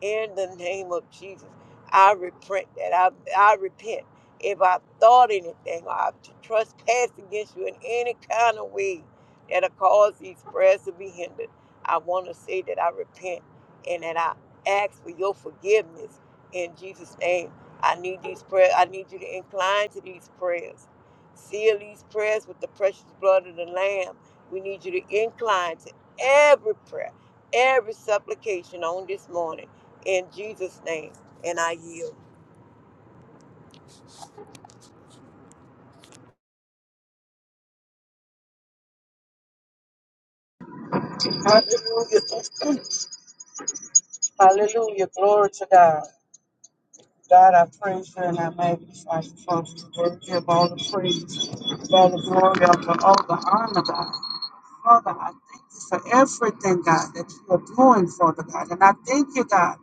in the name of Jesus. I repent that I, I repent if I thought anything or I trespassed against you in any kind of way that'll cause these prayers to be hindered. I want to say that I repent and that I ask for your forgiveness in Jesus' name. I need these prayers. I need you to incline to these prayers. Seal these prayers with the precious blood of the Lamb. We need you to incline to every prayer, every supplication on this morning in Jesus' name. And I yield.
Hallelujah. Hallelujah. Glory to God. God, I praise you and I magnify you for you. Worthy of all the praise, of all the glory, of all the honor, God. Father, I thank you for everything, God, that you are doing, Father God. And I thank you, God,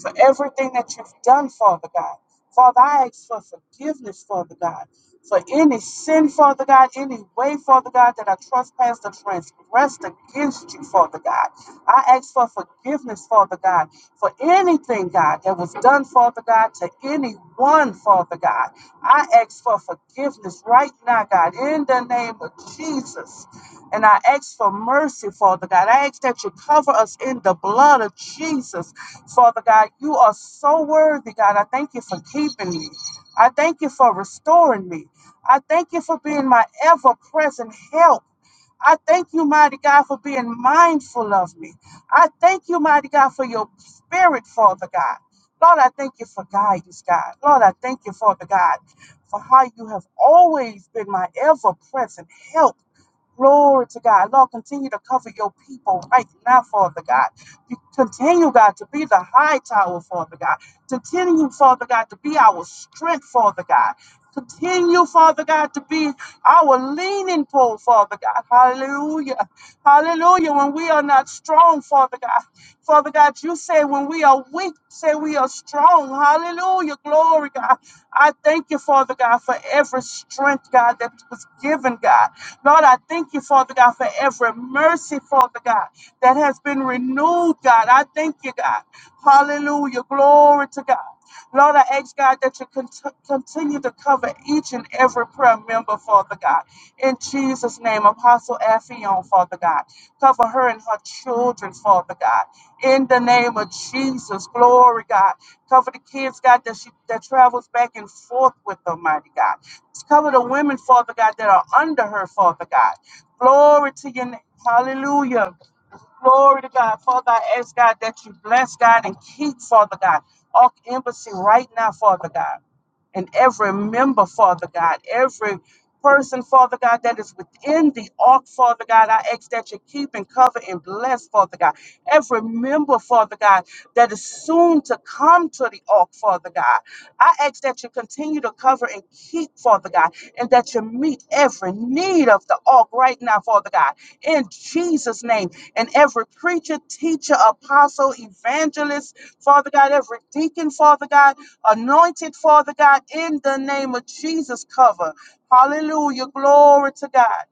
for everything that you've done, Father God. Father, I ask for forgiveness, Father God, for any sin, Father God, any way, Father God, that I trespassed or transgressed against you, Father God. I ask for forgiveness, Father God, for anything, God, that was done, Father God, to anyone, Father God. I ask for forgiveness right now, God, in the name of Jesus. And I ask for mercy, Father God. I ask that you cover us in the blood of Jesus, Father God. You are so worthy, God. I thank you for keeping me. I thank you for restoring me. I thank you for being my ever present help. I thank you, mighty God, for being mindful of me. I thank you, mighty God, for your spirit, Father God. Lord, I thank you for guidance, God. Lord, I thank you, Father God, for how you have always been my ever present help. Glory to God. Lord, continue to cover your people right now, Father God continue, God, to be the high tower, Father God. Continue, Father God, to be our strength, Father God. Continue, Father God, to be our leaning pole, Father God. Hallelujah. Hallelujah. When we are not strong, Father God. Father God, you say when we are weak, say we are strong. Hallelujah. Glory, God. I thank you, Father God, for every strength, God, that was given, God. Lord, I thank you, Father God, for every mercy, Father God, that has has been renewed, God. I thank you, God. Hallelujah. Glory to God. Lord, I ask God that you cont- continue to cover each and every prayer member, Father God. In Jesus' name, Apostle Affion, Father God. Cover her and her children, Father God. In the name of Jesus, glory, God. Cover the kids, God, that, she, that travels back and forth with Almighty God. Cover the women, Father God, that are under her, Father God. Glory to your name. Hallelujah. Glory to God. Father, I ask God that you bless God and keep, Father God, Ark Embassy right now, Father God, and every member, Father God, every person, Father God, that is within the Ark, Father God. I ask that you keep and cover and bless, Father God. Every member, Father God, that is soon to come to the Ark, Father God. I ask that you continue to cover and keep, Father God and that you meet every need of the ark right now, Father God, in Jesus' name. And every preacher, teacher, apostle, evangelist, Father God, every deacon, Father God, anointed, Father God, in the name of Jesus, cover. Hallelujah. Glory to God.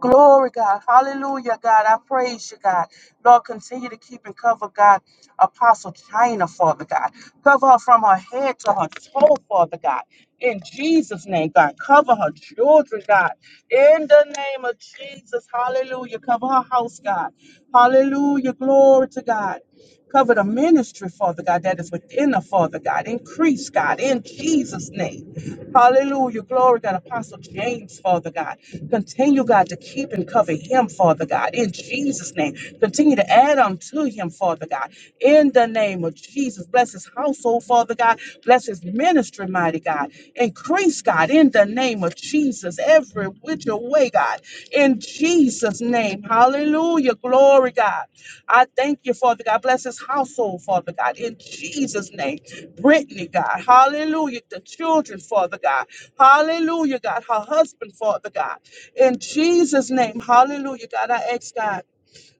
Glory, God. Hallelujah, God. I praise you, God. Lord, continue to keep and cover, God, Apostle China, Father God. Cover her from her head to her toe, Father God. In Jesus' name, God. Cover her children, God. In the name of Jesus. Hallelujah. Cover her house, God. Hallelujah. Glory to God. Cover the ministry, Father God, that is within the Father God. Increase, God, in Jesus' name. Hallelujah. Glory, God. Apostle James, Father God. Continue, God, to keep and cover him, Father God, in Jesus' name. Continue to add unto him, Father God, in the name of Jesus. Bless his household, Father God. Bless his ministry, mighty God. Increase, God, in the name of Jesus, every which way, God, in Jesus' name. Hallelujah. Glory, God. I thank you, Father God. Bless his household, Father God. In Jesus' name. Brittany, God. Hallelujah. The children, Father God. Hallelujah, God. Her husband, Father God. In Jesus' name. Hallelujah, God. I ask God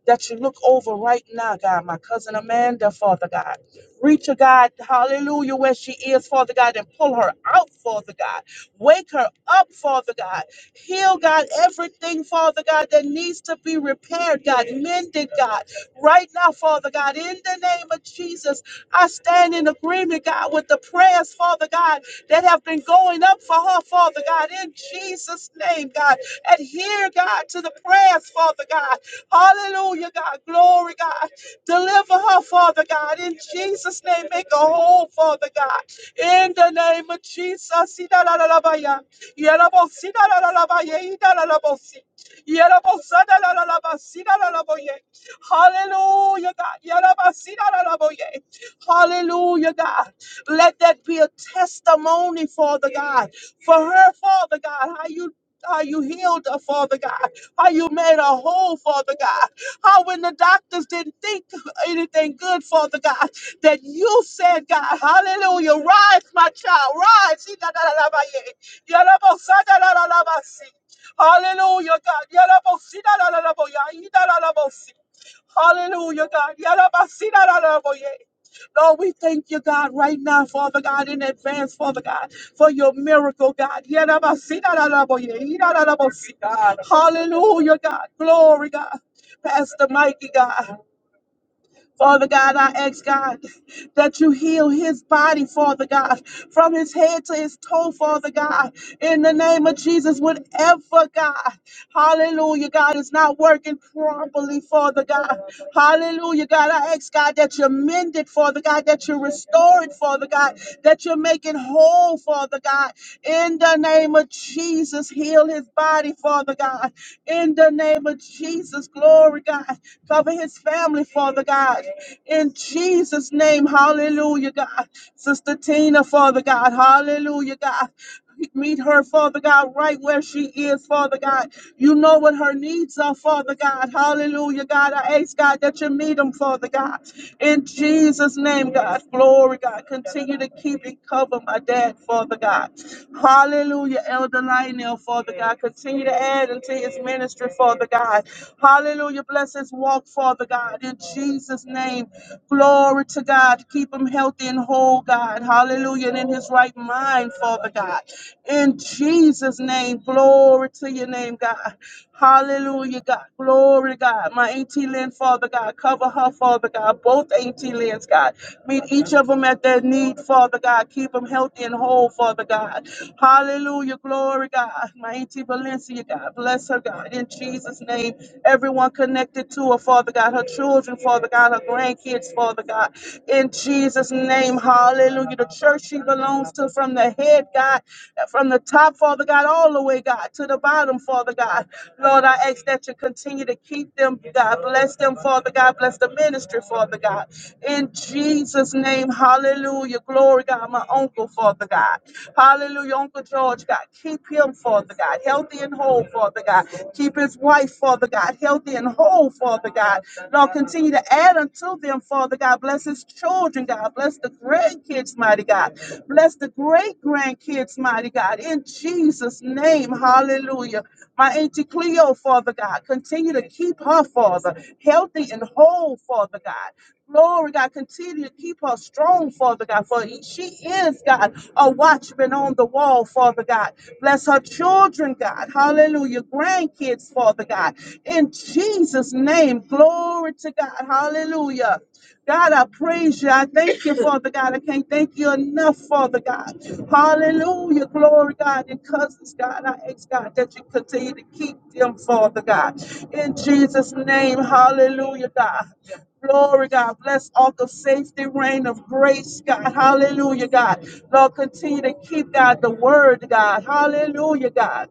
that you look over right now, God. My cousin Amanda, Father God. Reach her, God, hallelujah, where she is, Father God, and pull her out, Father God. Wake her up, Father God. Heal, God, everything, Father God, that needs to be repaired, God, mended, God. Right now, Father God, in the name of Jesus, I stand in agreement, God, with the prayers, Father God, that have been going up for her, Father God, in Jesus' name, God. Adhere, God, to the prayers, Father God, Hallelujah, God. Glory, God. Deliver her, Father God. In Jesus' name, make her whole, Father God. In the name of Jesus. Idalalabaya. Yerabosi, idalalabaya, idalalabosi. Yerabosa, idalalabasi, idalalaboye. Hallelujah, God. Yerabasi, idalalaboye. Hallelujah, God. Let that be a testimony, Father God, for her, Father God, how you how you healed her, Father God, how you made her whole, Father God, how when the doctors didn't think anything good, Father God, that you said, God, hallelujah, rise, my child, rise. Hallelujah, God. Hallelujah, God. Lord, we thank you, God, right now, Father God, in advance, Father God, for your miracle, God. Hallelujah, God. Glory, God. Pastor Mikey, God. Father God, I ask God that you heal his body, Father God, from his head to his toe, Father God, in the name of Jesus, whatever, God, hallelujah, God, is not working properly, Father God, hallelujah, God, I ask God that you mend it, Father God, that you restore it, Father God, that you're making whole, Father God. In the name of Jesus, heal his body, Father God. In the name of Jesus, glory, God. Cover his family, Father God. In Jesus' name, hallelujah, God. Sister Tina, Father God, hallelujah, God. Meet her, Father God, right where she is, Father God. You know what her needs are, Father God. Hallelujah, God. I ask, God, that you meet them, Father God. In Jesus' name, God. Glory, God. Continue to keep and cover my dad, Father God. Hallelujah, Elder Lionel, Father God. Continue to add into his ministry, Father God. Hallelujah. Bless his walk, Father God. In Jesus' name. Glory to God. Keep him healthy and whole, God. Hallelujah. And in his right mind, Father God. In Jesus' name, glory to your name, God. Hallelujah, God. Glory, God. My Auntie Lynn, Father God. Cover her, Father God. Both Auntie Lynn's, God. Meet each of them at their need, Father God. Keep them healthy and whole, Father God. Hallelujah, glory, God. My Auntie Valencia, God. Bless her, God. In Jesus' name, everyone connected connected to her, Father God, her children, Father God, her grandkids, Father God. In Jesus' name, hallelujah. The church she belongs to from the head, God, from the top, Father God, all the way, God, to the bottom, Father God. Lord, I ask that you continue to keep them, God. Bless them, Father God. Bless the ministry, Father God. In Jesus' name, hallelujah. Glory, God. My uncle, Father God. Hallelujah. Uncle George, God. Keep him, Father. Father God, healthy and whole, Father God. Keep his wife, Father God, healthy and whole, Father God. Lord, continue to add unto them, Father God. Bless his children, God. Bless the grandkids, mighty God. Bless the great grandkids, mighty God. In Jesus' name, hallelujah. My Auntie Cleo, Father God, continue to keep her, Father, healthy and whole, Father God. Glory, God, continue to keep her strong, Father God, for she is, God, a watchman on the wall, Father God. Bless her children, God. Hallelujah. Grandkids, Father God. In Jesus' name, glory to God. Hallelujah. God, I praise you. I thank you, Father God. I can't thank you enough, Father God. Hallelujah. Glory, God. And cousins, God, I ask, God, that you continue to keep them, Father God. In Jesus' name, hallelujah, God. Glory, God. Bless all the safety rain of grace, God. Hallelujah, God. Lord, continue to keep, God, the word, God. Hallelujah, God.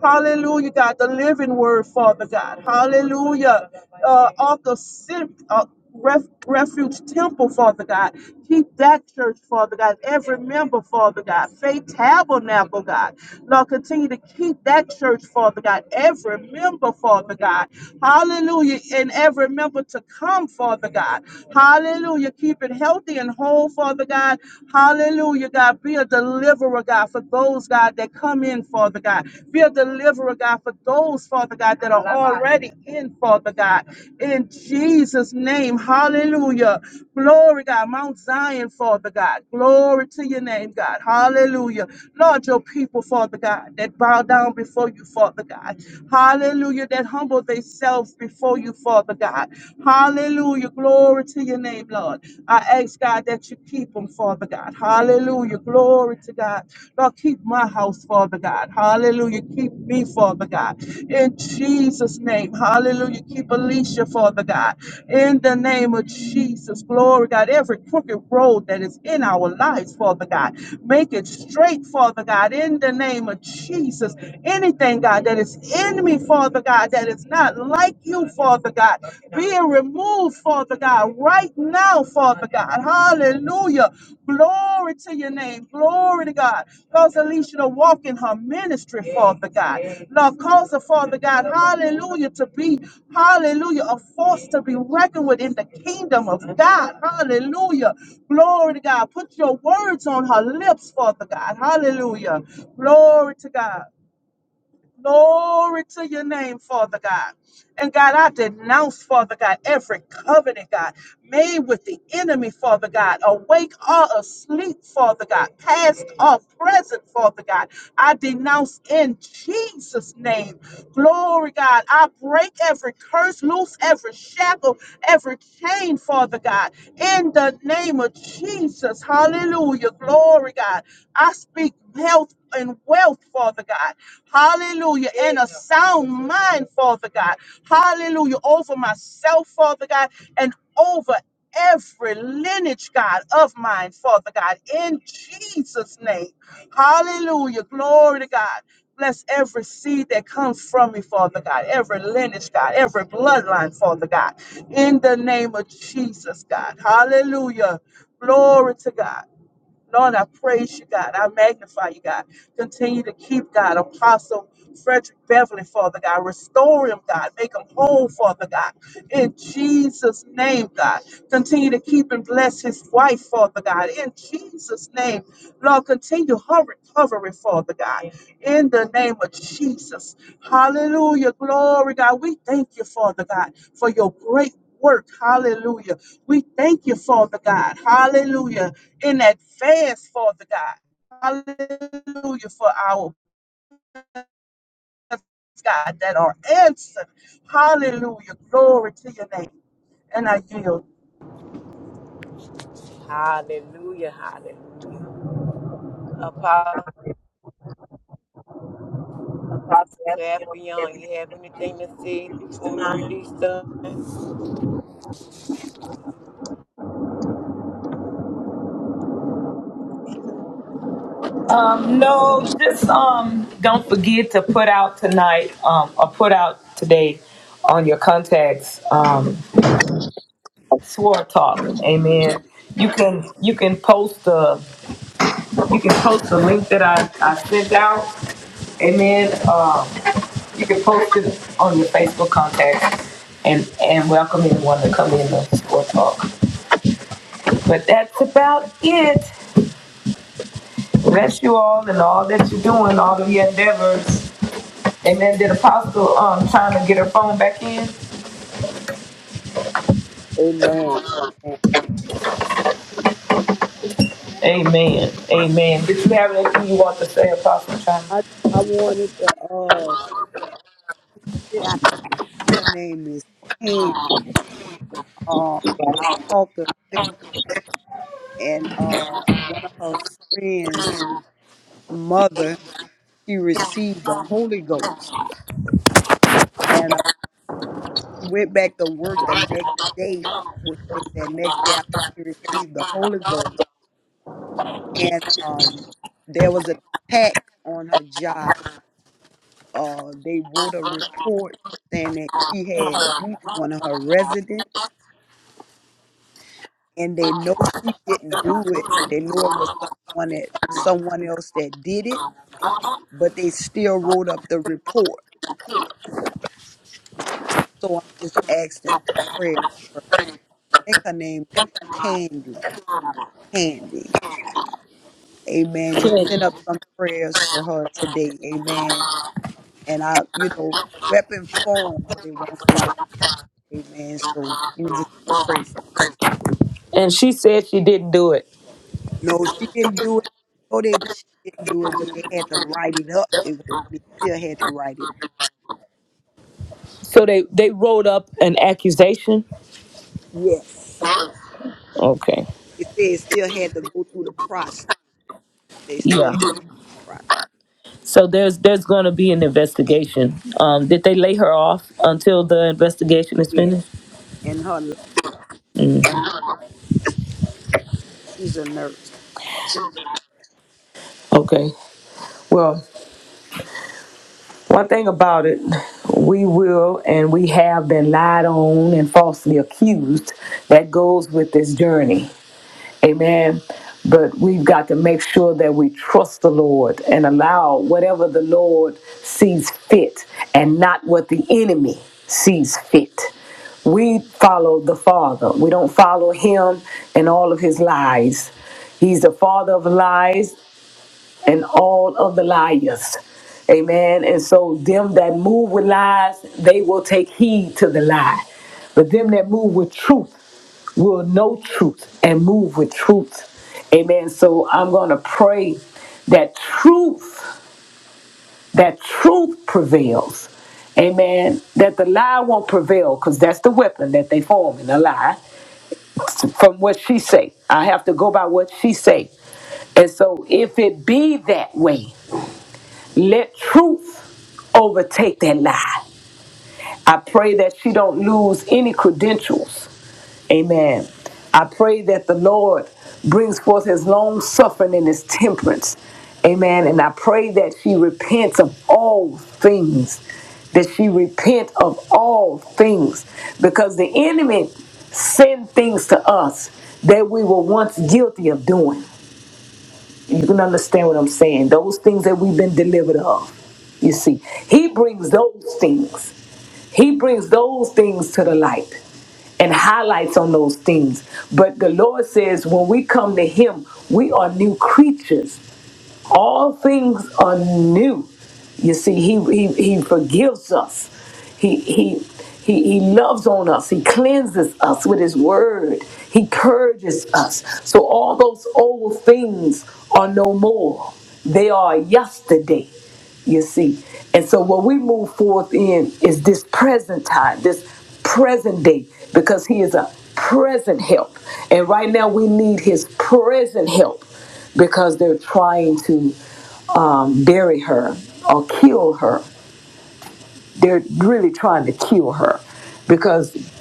Hallelujah, God, the living word, Father God. Hallelujah. Uh, Ark of Sim, uh, Ref, Refuge Temple, Father God. Keep that church, Father God. Every member, Father God. Faith Tabernacle, God. Lord, continue to keep that church, Father God. Every member, Father God. Hallelujah. And every member to come, Father God. Hallelujah. Keep it healthy and whole, Father God. Hallelujah, God. Be a delight deliverer, God, for those, God, that come in, Father God. Be a deliverer, God, for those, Father God, that are already in, Father God. In Jesus' name, hallelujah. Glory, God. Mount Zion, Father God. Glory to your name, God. Hallelujah. Lord, your people, Father God, that bow down before you, Father God. Hallelujah. That humble themselves before you, Father God. Hallelujah. Glory to your name, Lord. I I ask, God, that you keep them, Father God. Hallelujah. Glory to God. Lord, keep my house, Father God. Hallelujah. Keep me, Father God. In Jesus' name. Hallelujah. Keep Alicia, Father God. In the name of Jesus. Glory, God. Every crooked road that is in our lives, Father God. Make it straight, Father God. In the name of Jesus. Anything, God, that is in me, Father God, that is not like you, Father God being removed, Father God, right now, Father God. Hallelujah. Glory to your name. Glory to God. Cause Alicia to walk in her ministry, Father God. Lord, cause her, Father God, hallelujah, to be, hallelujah, a force to be reckoned with in the kingdom of God. Hallelujah. Glory to God. Put your words on her lips, Father God. Hallelujah. Glory to God. Glory to your name, Father God. And God, I denounce, Father God, every covenant, God, made with the enemy, Father God, awake or asleep, Father God, past or present, Father God. I denounce in Jesus' name. Glory, God. I break every curse, loose every shackle, every chain, Father God, in the name of Jesus. Hallelujah. Glory, God. I speak health and wealth, Father God. Hallelujah. And a sound mind, Father God. Hallelujah. Over myself, Father God, and over every lineage, God, of mine, Father God. In Jesus' name. Hallelujah. Glory to God. Bless every seed that comes from me, Father God, every lineage, God, every bloodline, Father God, in the name of Jesus, God. Hallelujah. Glory to God. Lord, I praise you, God. I magnify you, God. Continue to keep, God, Apostle Frederick Beverly, Father God. Restore him, God. Make him whole, Father God. In Jesus' name, God. Continue to keep and bless his wife, Father God. In Jesus' name, Lord, continue her recovery, Father God. In the name of Jesus. Hallelujah. Glory, God. We thank you, Father God, for your great work. Hallelujah. We thank you, Father God. Hallelujah in advance, Father God. Hallelujah for our prayers, God that are answered. Hallelujah. Glory to your name. And I yield.
Hallelujah. Hallelujah. Apostle Effion, you have anything to say before we release the?
Um, no, just um, don't forget to put out tonight, um, or put out today on your contacts, um, swore talk. Amen. You can you can post the You can post the link that I, I sent out, and then um, you can post it on your Facebook contacts and, and welcome anyone to come in and or talk. But that's about it. Bless you all and all that you're doing, all of your endeavors. Amen. Did Apostle um, trying to get her phone back in? Amen. Amen. Did you have anything you want to say, Apostle China?
I I wanted to uh yeah, her name is Pam. Uh, I talked to Pam and uh one of her friends' mother. She received the Holy Ghost and uh, she went back to work the next day, which was that next day after she received the Holy Ghost. And um, there was an attack on her job. Uh, they wrote a report saying that she had beat one of her residents and they know she didn't do it. They know it was someone that someone else that did it, but they still wrote up the report. So I'm just asking for prayer for her. I think her name is Candy. Candy. Amen. Just
Okay.
send up some prayers for her today. Amen. And I, you know, weapon formed, but it won't prosper. Amen. So you just pray for. Her.
And she said she didn't do it.
No, she didn't do it. No, they she didn't do it, but they had to write it up. They, was- they still had to write it
So they, they wrote up an accusation.
Yes.
Okay.
It said it still had to go through the process. They still
Yeah.
had the process.
So there's there's going to be an investigation. Um, did they lay her off until the investigation is
Yes.
finished?
And her life,
Mm,
she's a nurse.
okay. Well, one thing about it, we will and we have been lied on and falsely accused. That goes with this journey. Amen. But we've got we trust the Lord and allow whatever the Lord sees fit and not what the enemy sees fit. We follow We don't follow him and all of his lies. He's the father of lies, all of the liars. And, and so them that with lies, they will take heed to the lie. That move with truth will know truth and move with truth. Amen. So I'm gonna pray that truth, that truth prevails. Amen. That the lie won't prevail, because that's the weapon that they form in the lie. From what she say, I have to go by what she say. And so, if it be that way, let truth overtake that lie. I pray that she don't lose any credentials. Amen. I pray that the Lord brings forth his long suffering and his temperance. Amen. And I pray that she repents of all things, that she repent of all things, because the enemy send things to us that we were once guilty of doing. You can understand what I'm saying. Those things that we've been delivered of. You see, he brings those things. He brings those things to the light and highlights on those things. But the Lord says when we come to him, we are new creatures all things are new. You see, he he, he forgives us. He he he he loves on us. He cleanses us with his word. He purges us. So all those old things are no more. They are yesterday. You see. And so what we move forth in is this present time, this present day, because he is a present help. And right now we need his present help because they're trying to um, bury her or kill her. They're really trying to kill her because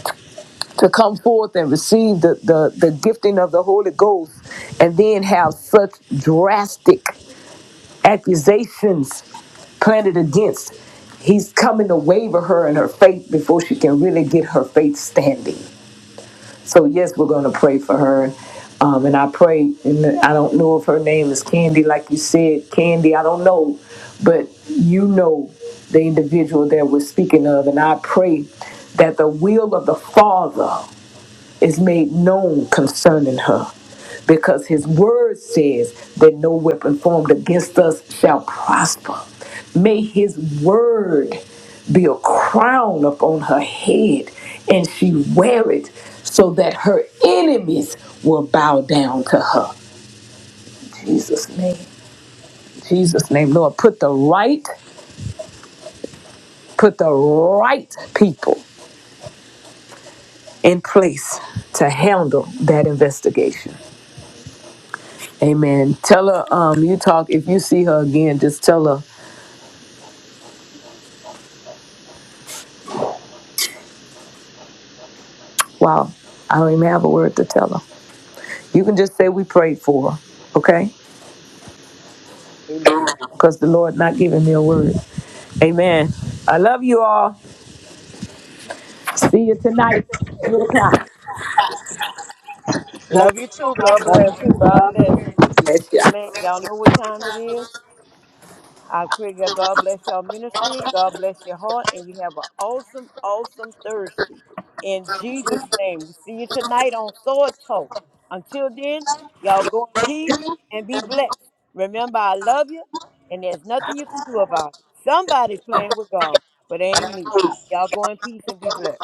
to come forth and receive the, the, the gifting of the Holy Ghost and then have such drastic accusations planted against, he's coming to waver her in her faith before she can really get her faith standing. So yes, we're going to pray for her. Um, and I pray, and I don't know if her name is Candy, like you said, Candy, I don't know, but you know the individual that we're speaking of. And I pray that the will of the Father is made known concerning her. Because his word says that no weapon formed against us shall prosper. May his word be a crown upon her head, and she wear it so that her enemies will bow down to her. Jesus' name. Jesus' name, Lord. Put the right, put the right people in pro- tell her um you talk have a word to tell her. Just say
Amen.
see you tonight.
Love you too. God bless. Love you too. God bless. Amen. Y'all know what time it is? I pray that God bless your ministry. God bless your heart. And you have an awesome, awesome Thursday. In Jesus' name. We see you tonight on Sword Talk. Until then, y'all go in peace and be blessed. Remember, I love you. And there's nothing you can do about it. Somebody playing with God, but it ain't me. Y'all go in peace and be blessed.